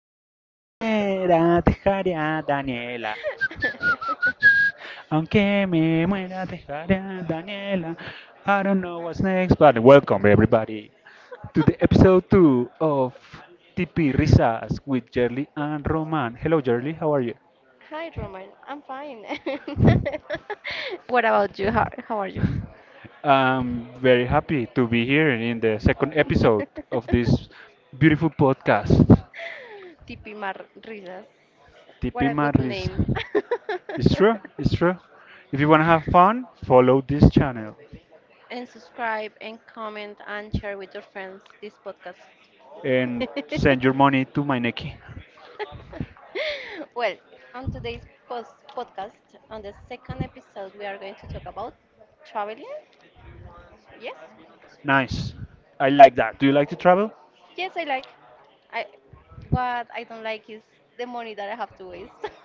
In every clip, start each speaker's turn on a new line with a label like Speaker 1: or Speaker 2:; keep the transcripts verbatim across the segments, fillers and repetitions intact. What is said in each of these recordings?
Speaker 1: muera, dejaré a Daniela. Aunque me muera, dejaré a Daniela. I don't know what's next, but welcome everybody to the episode two of T P Risas with Jerly and Roman. Hello Jerly, how are you? I'm very happy to be here in the second episode of this beautiful podcast, T P Marisa. It's true, it's true. If you want to have fun, follow this channel and send your money to my Nequi. Nice. I like that. Do you like to travel?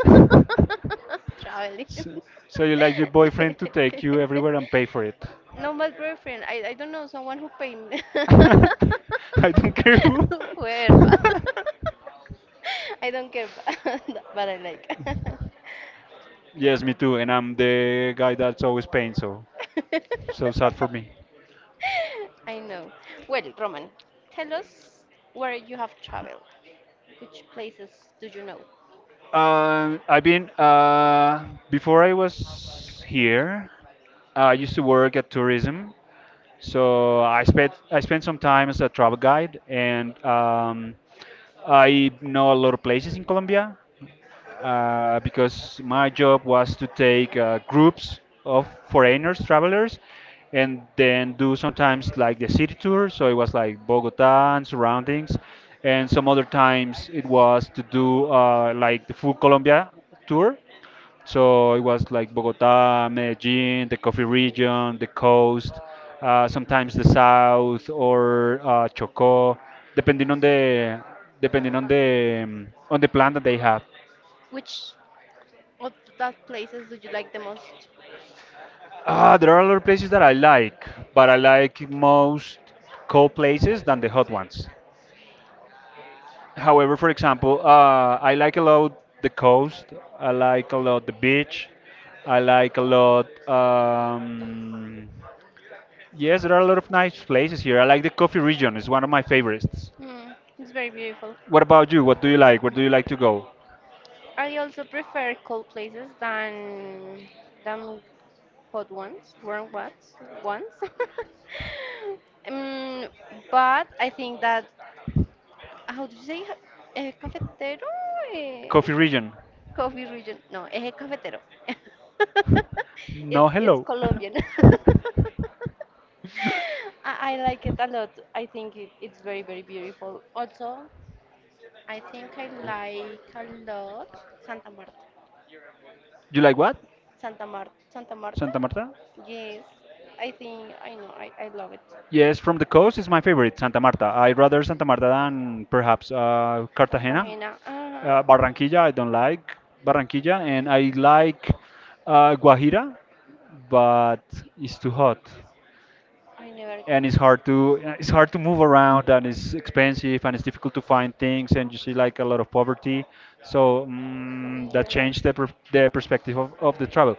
Speaker 1: so, so you like your boyfriend to take you everywhere and pay for it. I don't care who. Yes, me too. And I'm the guy that's always paying, so so sad for me. Um, I've been uh, before I was here. I used to work at tourism. So I spent I spent some time as a travel guide, and um, I know a lot of places in Colombia uh, because my job was to take uh, groups of foreigners, travelers, and then do sometimes like the city tour. So it was like Bogota and surroundings, and some other times it was to do uh, like the full Colombia tour. So it was like Bogota, Medellin, the coffee region, the coast, uh, sometimes the south or uh, Chocó, depending on the depending on the um, on the plan that they have. Ah, there are other places that I like, but I like most cold places than the hot ones. However, for example, uh, I like a lot the coast. I like a lot the beach. I like a lot. Um, yes, there are a lot of nice places here. I like the coffee region. It's one of my favorites. What about you? What do you like? Where do you like to go? Coffee region. No, hello. You like what? Santa Marta? Yes, from the coast is my favorite, Santa Marta. I rather Santa Marta than perhaps uh, Cartagena. Uh, Barranquilla, I don't like Barranquilla, and I like uh, Guajira, but it's too hot, and it's hard to it's hard to move around, and it's expensive, and it's difficult to find things, and you see like a lot of poverty. So mm, that changed the per the perspective of, of the travel.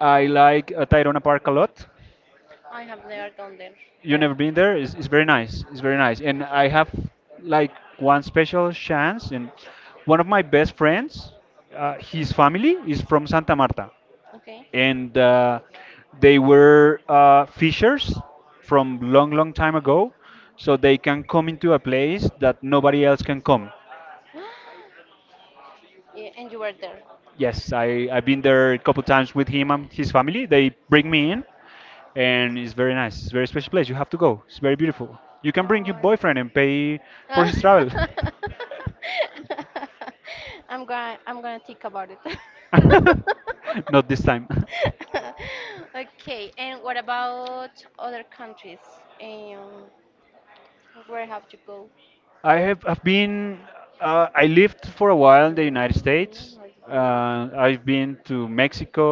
Speaker 1: I like uh, Tayrona Park a lot. You never been there. it's, it's very nice. It's very nice and I have like one special chance, and one of my best friends, uh, his family is from Santa Marta, and uh, they were uh, fishers from long long time ago, so they can come into a place that nobody else can come. Yes, I, I've been there a couple times with him and his family. They bring me in, and it's very nice. It's a very special place. You have to go. It's very beautiful. You can bring your boyfriend and pay for his travel. Not this time. I have I've been uh, I lived for a while in the United States. Uh, I've been to Mexico.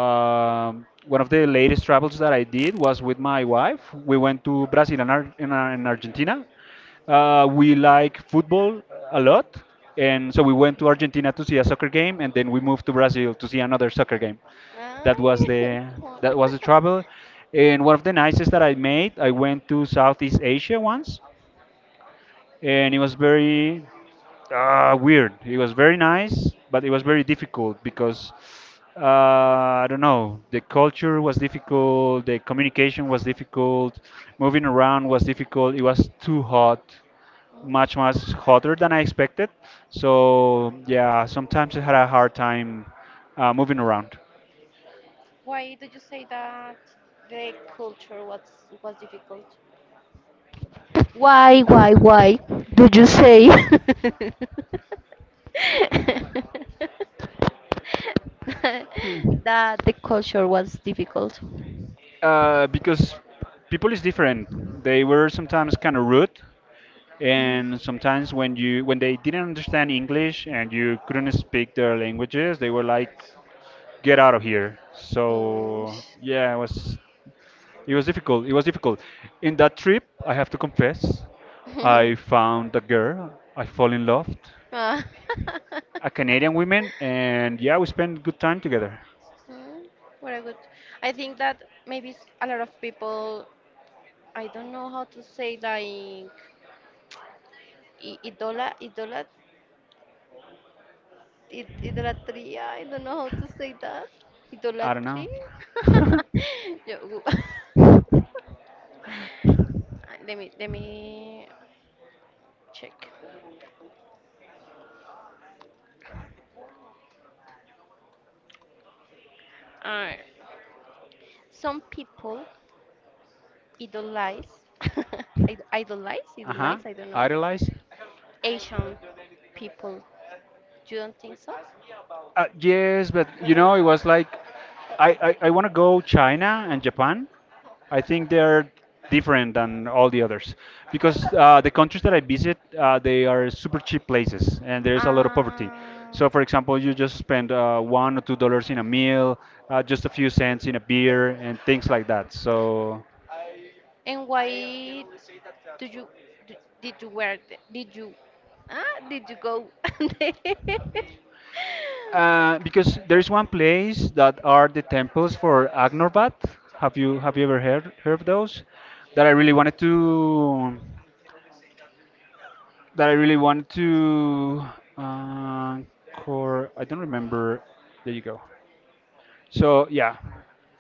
Speaker 1: Um, one of the latest travels that I did was with my wife. We went to Brazil and, Ar- and, Ar- and Argentina. Uh, we like football a lot, and so we went to Argentina to see a soccer game, and then we moved to Brazil to see another soccer game. That was the that was the travel. And one of the nicest that I made, I went to Southeast Asia once, and it was very uh, weird. It was very nice, but it was very difficult because uh, I don't know. The culture was difficult. The communication was difficult. Moving around was difficult. It was too hot, much much hotter than I expected. So yeah, sometimes I had a hard time uh, moving around.
Speaker 2: Why, why, why do you say?
Speaker 1: Uh, because people is different. They were sometimes kind of rude, and sometimes when you when they didn't understand English and you couldn't speak their languages, they were like, "Get out of here." So yeah, it was it was difficult. It was difficult. In that trip, I have to confess, I found a girl. I fall in love, a Canadian woman, and yeah, we spent good time together. I don't know. Uh huh. Idolize. Uh, yes, but you know, it was like I, I, I want to go China and Japan. I think they're different than all the others because uh, the countries that I visit, uh, they are super cheap places and there is a lot of poverty. So, for example, you just spend uh, one or two dollars in a meal, uh, just a few cents in a beer, and things like that. So. Uh, because there's one place that are the temples for Agnorbat. Have you have you ever heard heard of those? That I really wanted to that I really wanted to uh, core. I don't remember. There you go. So yeah,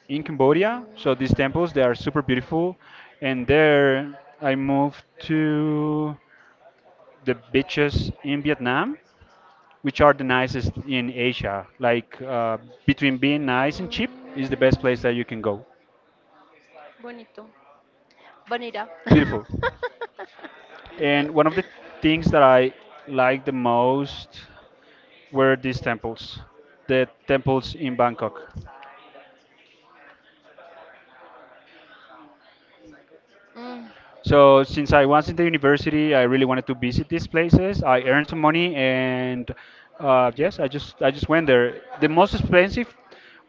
Speaker 1: in Cambodia. So these temples they are super beautiful, and there I moved to the beaches in Vietnam, which are the nicest in Asia. Like uh, between being nice and cheap is the best place that you can go. Beautiful. And one of the things that I liked the most were these temples, the temples in Bangkok. So since I was in the university, I really wanted to visit these places. I earned some money, and uh, yes, I just I just went there. The most expensive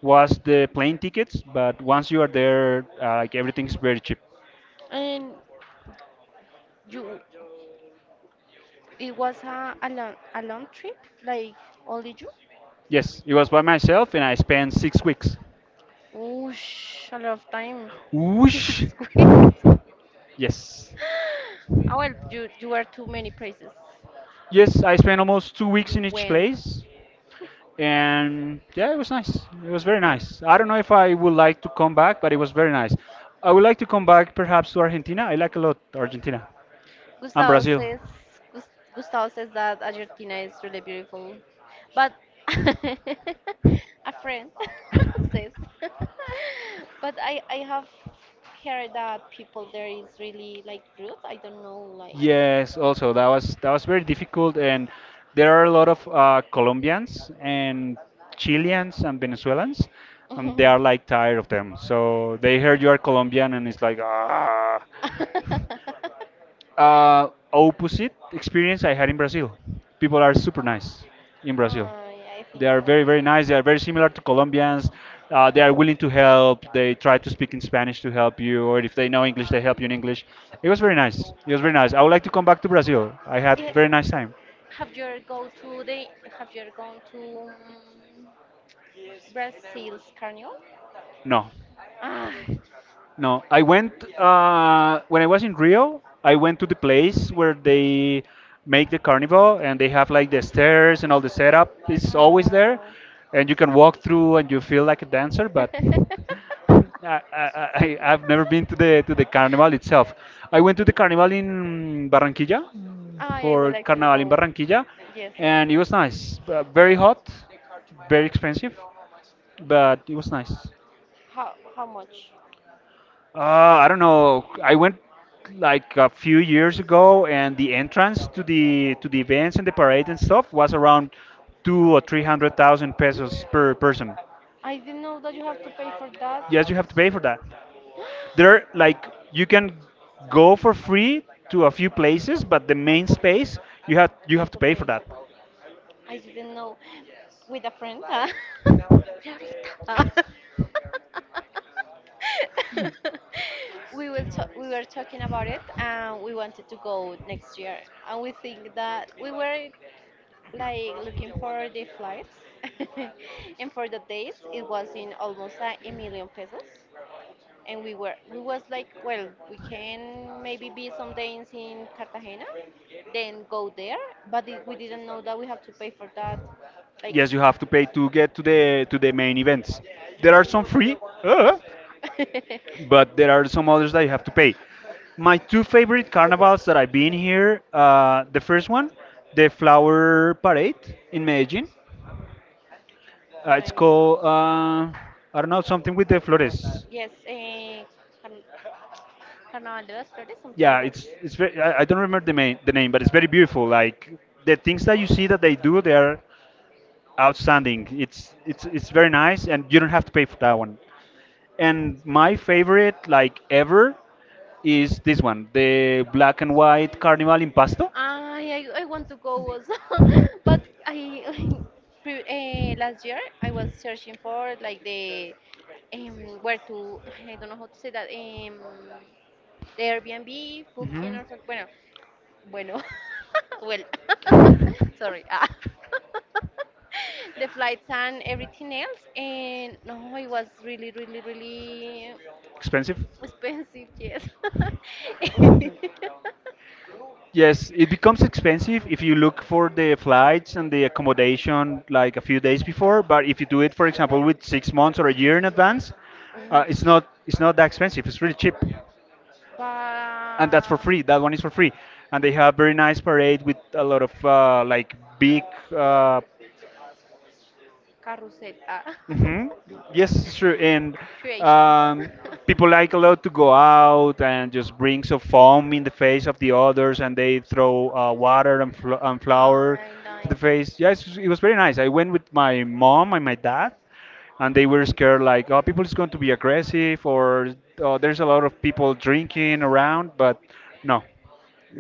Speaker 1: was the plane tickets, but once you are there, uh, like everything's very cheap. Yes, it was by myself and I spent six weeks. Whoosh. Yes. Yes, I spent almost two weeks in each place. And yeah, it was nice. It was very nice. I don't know if I would like to come back, but it was very nice. I would like to come back perhaps to Argentina. I like a lot Argentina and Brazil. Yes, also that was that was very difficult, and there are a lot of uh, Colombians and Chileans and Venezuelans, and they are like tired of them. So they hear you are Colombian, and it's like ah. Uh, opposite experience I had in Brazil. People are super nice in Brazil. They are very, very nice. They are very similar to Colombians. Uh, they are willing to help. They try to speak in Spanish to help you, or if they know English, they help you in English. It was very nice. It was very nice. I would like to come back to Brazil. I had very nice time. No. No, I went uh, when I was in Rio. I went to the place where they make the carnival, and they have like the stairs and all the setup. It's always there, and you can walk through, and you feel like a dancer. But I, I, I, I've never been to the to the carnival itself. I went to the carnival in Barranquilla mm, for Carnaval in Barranquilla, and it was nice. Uh, Very hot, very expensive, but it was nice. Uh, I don't know. I went like a few years ago, and the entrance to the to the events and the parade and stuff was around two or three hundred thousand pesos per person. Yes, you have to pay for that. There, like, you can go for free to a few places, but the main space you have you have to pay for that. Yes, you have to pay to get to the to the main events. There are some free. Uh, but there are some others that you have to pay. My two favorite carnivals that I've been here, uh, the first one, the Flower Parade in Medellin. Uh, it's called uh, I don't know something with the flores. Yeah, it's it's very, I, I don't remember the main, the name, but it's very beautiful. Like the things that you see that they do, they are outstanding. It's it's it's very nice, and you don't have to pay for that one. And my favorite, like ever, is this one, the black and white carnival in Pasto. Mhm. Expensive? Yes, it becomes expensive if you look for the flights and the accommodation like a few days before. But if you do it, for example, with six months or a year in advance, uh, it's not it's not that expensive. It's really cheap, and that's for free. That one is for free, and they have very nice parade with a lot of uh, like big uh, hmm yes, it's true. And um, people like a lot to go out and just bring some foam in the face of the others, and they throw uh, water and, fl- and flour to the face. Yes, it was very nice. I went with my mom and my dad, and they were scared like, oh, people is going to be aggressive, or oh, there's a lot of people drinking around. But no,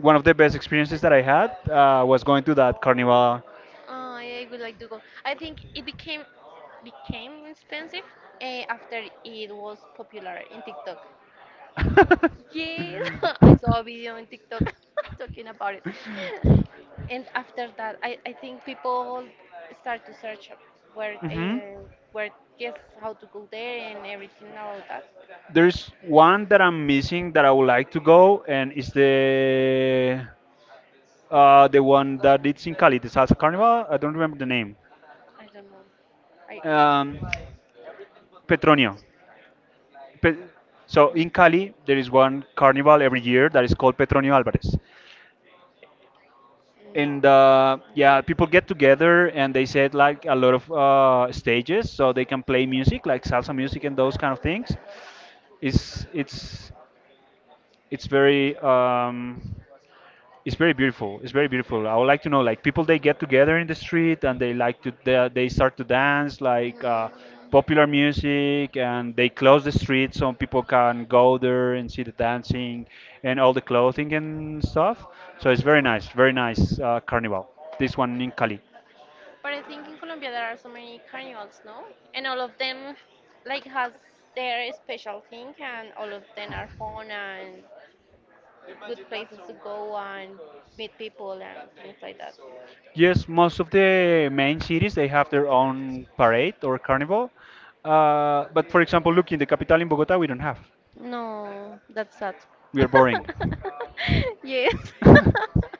Speaker 1: one of the best experiences that I had uh, was going to that carnival. hmm There's one that I'm missing that I would like to go, and it's the uh, the one that it's in Cali, the Salsa Carnival. I don't remember the name. Um, Petronio. Pe- so in Cali, there is one carnival every year that is called Petronio Alvarez. And uh, yeah, people get together and they set like a lot of uh, stages so they can play music, like salsa music and those kind of things. It's it's it's very um, it's very beautiful. It's very beautiful. I would like to know, like people they get together in the street and they like to they, they start to dance like uh, popular music, and they close the street so people can go there and see the dancing and all the clothing and stuff. So it's very nice, very nice uh, carnival. This one in Cali. Yes, most of the main cities they have their own parade or carnival. Uh, but for example, look in the capital in Bogota, we don't have. We are boring.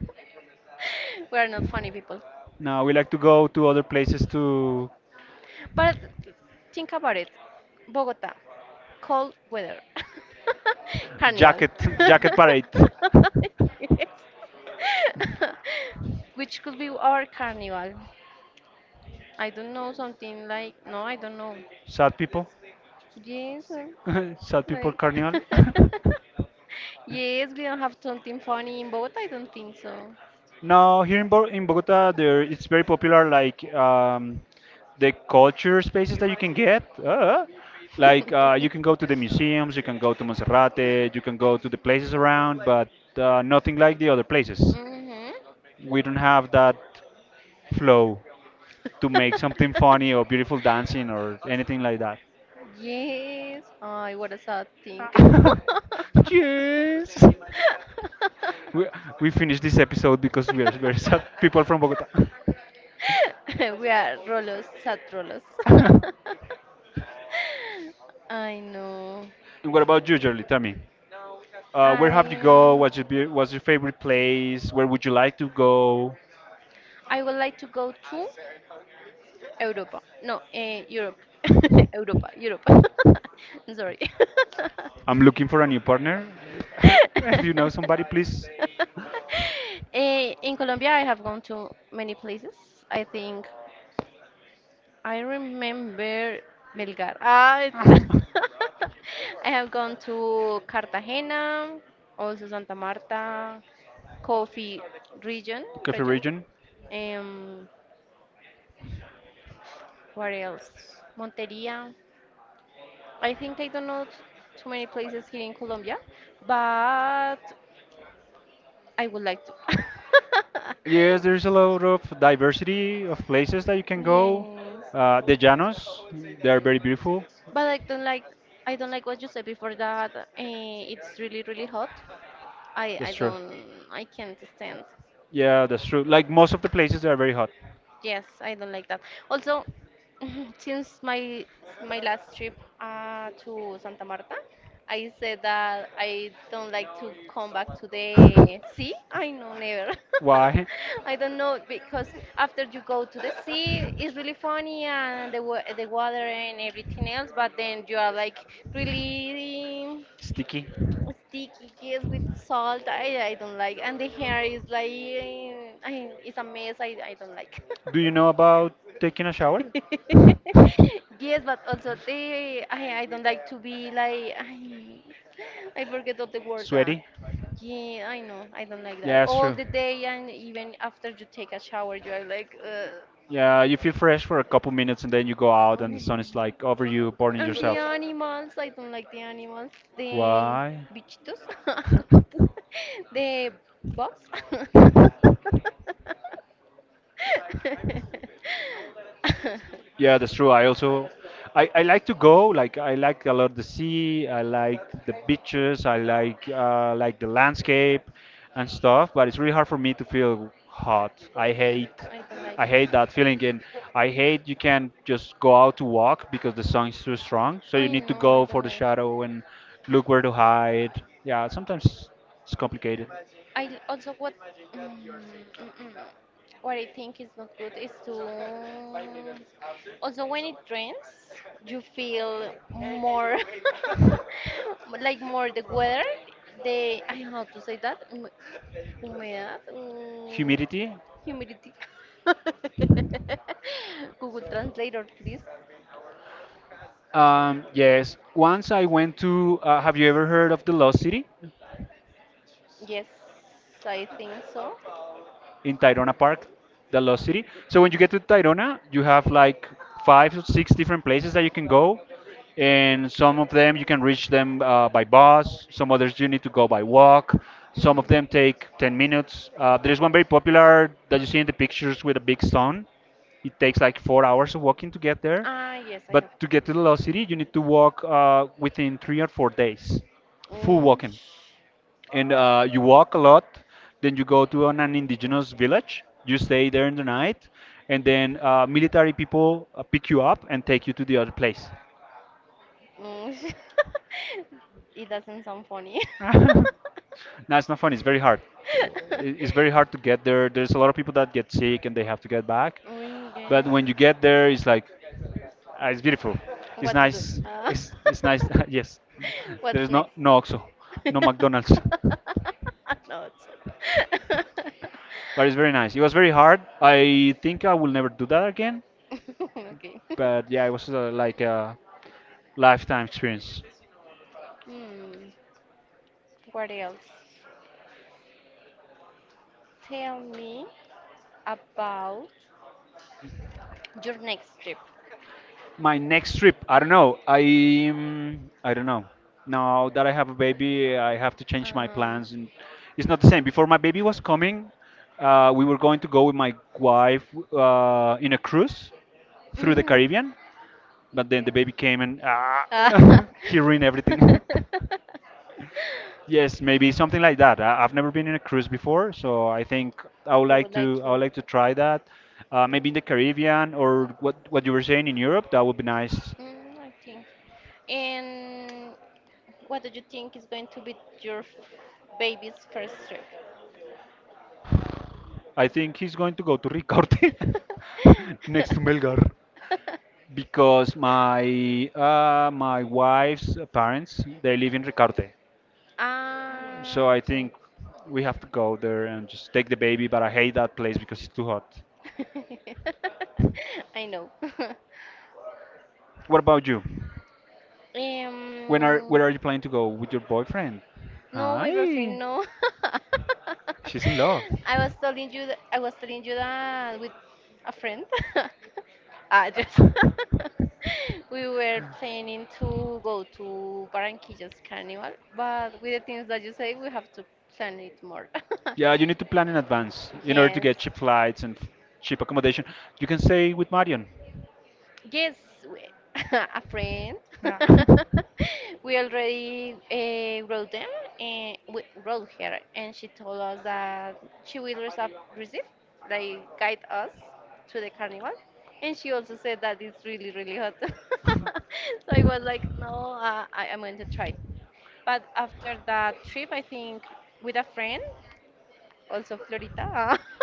Speaker 1: No, we like to go to other places to jacket jacket parade. Sad people, sad people carnival. No, here in, Bo- in Bogota, there it's very popular. Like um, the culture spaces that you can get. Uh, like uh, you can go to the museums, you can go to Monserrate, you can go to the places around, but uh, nothing like the other places. We don't have that flow to make something funny or beautiful dancing or anything like that. Yes. We we finished this episode because we are very sad people from Bogota. And what about you, Jerly? Tell me, uh, where have you go? What's your be- what's your favorite place? Where would you like to go? I'm looking for a new partner. If you know somebody, please? Coffee region. Yes, there's a lot of diversity of places that you can go. Uh, the Llanos, they are very beautiful. That's true. Yeah, that's true. Like most of the places, they are very hot. Why? Sticky. Do you know about taking a shower? Sweaty? Yeah, it's true. Yeah, you feel fresh for a couple minutes and then you go out and the sun is like over you, burning yourself. Why? Yeah, that's true. I also I, I like to go. Like I like a lot the sea. I like the beaches. I like uh, like the landscape and stuff. But it's really hard for me to feel hot. I hate I hate that feeling, and I hate you can't just go out to walk because the sun is too strong. So you need to go for the shadow and look where to hide. Yeah, sometimes it's complicated. Humidity. Um, yes. Once I went to. Uh, have you ever heard of the Lost City? In Tayrona Park, the Lost City. So when you get to Tayrona, you have like five or six different places that you can go, and some of them you can reach them uh, by bus. Some others you need to go by walk. Some of them take ten minutes. Uh, there's one very popular that you see in the pictures with a big stone. It takes like four hours of walking to get there. But to get to the Lost City, you need to walk uh, within three or four days, full walking and uh, you walk a lot. Then you go to an, an indigenous village. You stay there in the night, and then uh, military people uh, pick you up and take you to the other place. No, it's not fun. It's very hard. It- It's very hard to get there. There's a lot of people that get sick and they have to get back. But when you get there, it's like ah, it's beautiful. It's nice. It's it's nice. Yes. There's no no oxo, no McDonald's. But it's very nice. It was very hard. I think I will never do that again. But yeah, it was uh, like a lifetime experience. My next trip, I don't know. I mm, I don't know. Now that I have a baby, I have to change my plans, and it's not the same. Before my baby was coming, uh, we were going to go with my wife uh, in a cruise through the Caribbean, but then the baby came and ah, he ruined everything. Yes, maybe something like that. I, I've never been in a cruise before, so I think I would like to I would like to try that. Uh, maybe in the Caribbean or what what you were saying in Europe, that would be nice. I think he's going to go to Ricaurte next to Melgar because my uh, my wife's parents they live in Ricaurte, so I think we have to go there and just take the baby. But I hate that place because it's too hot. What about you? When are where are you planning to go with your boyfriend? Hi, she's in love. Yeah, you need to plan in advance in order to get cheap flights and f- cheap accommodation. You can stay with Marion.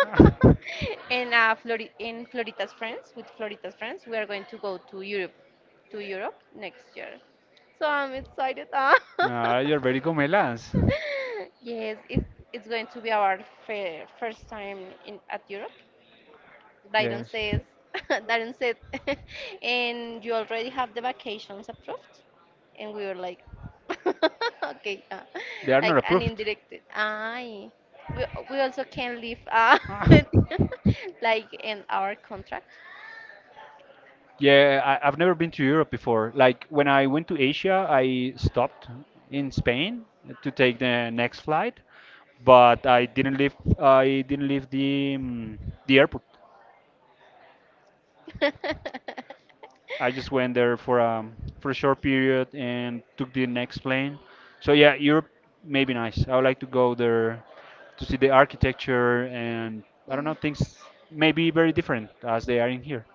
Speaker 1: Yeah. Ah, you're very gomelas. Yes. They are not approved. Yeah, I, I've never been to Europe before. Like when I went to Asia, I stopped in Spain to take the next flight, but I didn't leave. I didn't leave the um, the airport. I just went there for um for a short period and took the next plane. So yeah, Europe may be nice. I would like to go there to see the architecture and I don't know things may be very different as they are in here,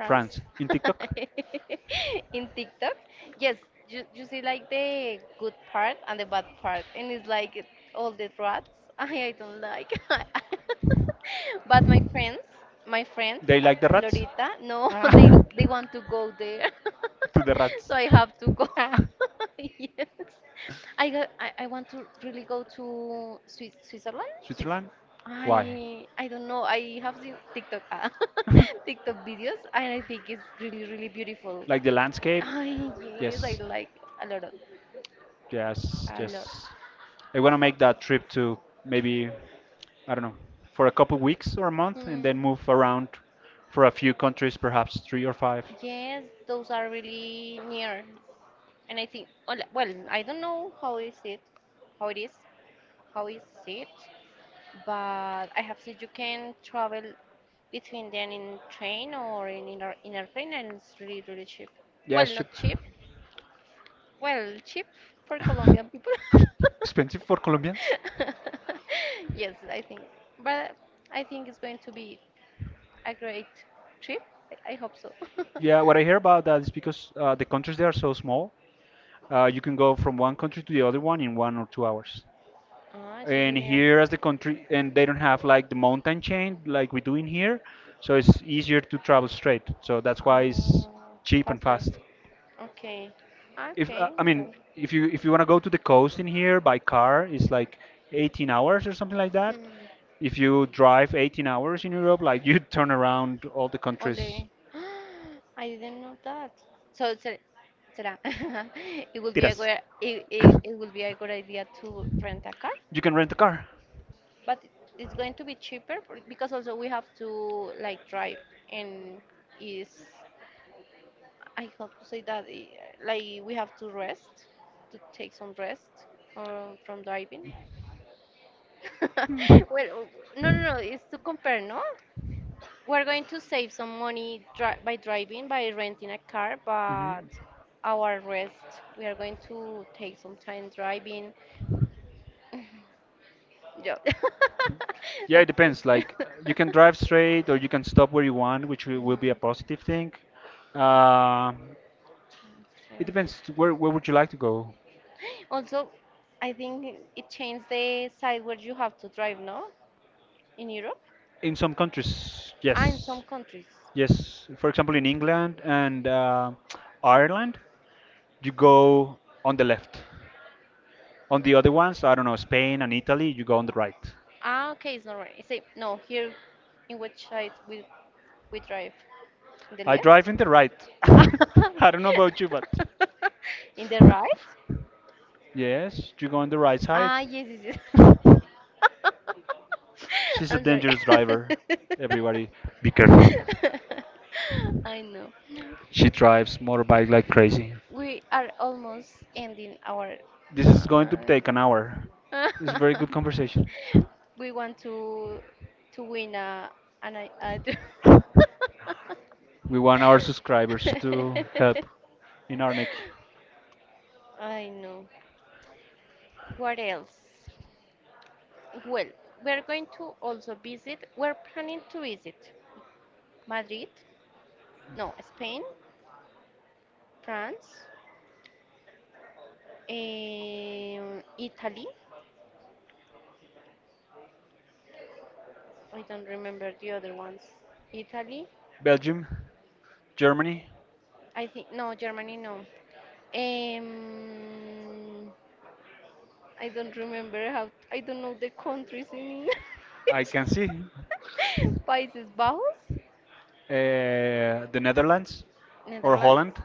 Speaker 1: France, in TikTok. They like the rats? Ah. To the rats. Ah. Switzerland? Why? Like the landscape? Yes. Yes, yes. I want to make that trip to maybe, I don't know, for a couple weeks or a month and then move around for a few countries, perhaps three or five. Yeah, it's cheap. Expensive for Colombians? Yeah, what I hear about that is because uh, the countries they are so small, uh, you can go from one country to the other one in one or two hours. And here as the country and they don't have like the mountain chain like we do in here, so it's easier to travel straight, so that's why it's cheap and fast. If uh, I mean, if you if you want to go to the coast in here by car, it's like eighteen hours or something like that. If you drive eighteen hours in Europe, like you turn around all the countries. Tiras. You can rent a car. Hmm. Yeah, it depends. Like you can drive straight or you can stop where you want, which will, will be a positive thing. Uh, it depends. Where where would you like to go? In some countries, yes, yes. For example, in England and uh, Ireland, you go on the left. On the other ones, I don't know, Spain and Italy, you go on the right. I drive in the right. I don't know about you, but yes, you go on the right side. She's a dangerous driver. Everybody, be careful. She drives motorbike like crazy. This is going to take an hour. It's a very good conversation. We want our subscribers to help in our neck. Belgium, Germany, I can see. Uh, the Netherlands or Holland.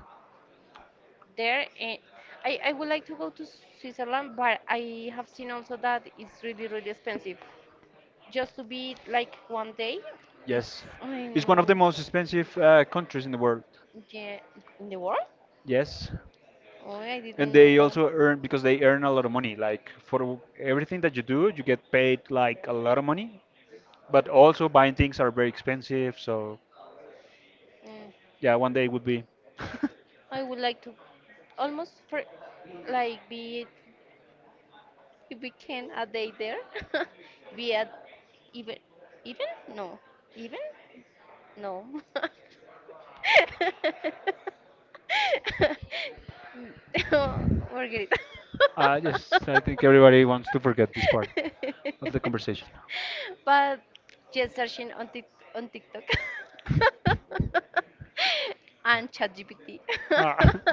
Speaker 1: Yes. It's one of the most expensive uh, countries in the world. Yes. And they also earn because they earn a lot of money. Like for everything that you do, you get paid like a lot of money. But also buying things are very expensive. So yeah, one day would be. uh, yes, I think everybody wants to forget this part of the conversation. Ah.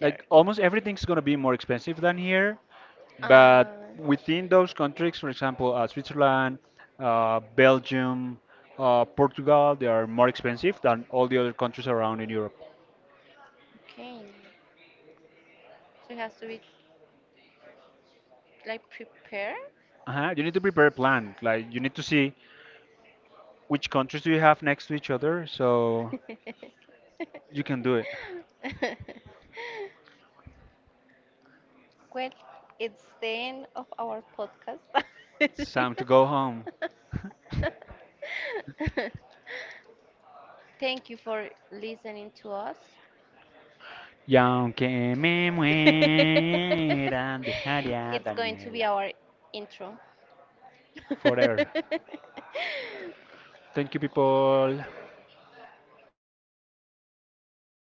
Speaker 1: Like almost everything's going to be more expensive than here, but within those countries, for example, uh, Switzerland, uh, Belgium, uh, Portugal, they are more expensive than all the other countries around in Europe. Uh-huh. You need to prepare a plan, like you need to see which countries do you have next to each other so you can do it. It's time to go home. Y aunque me muera, dejaré a Daniela. Forever. Thank you, people.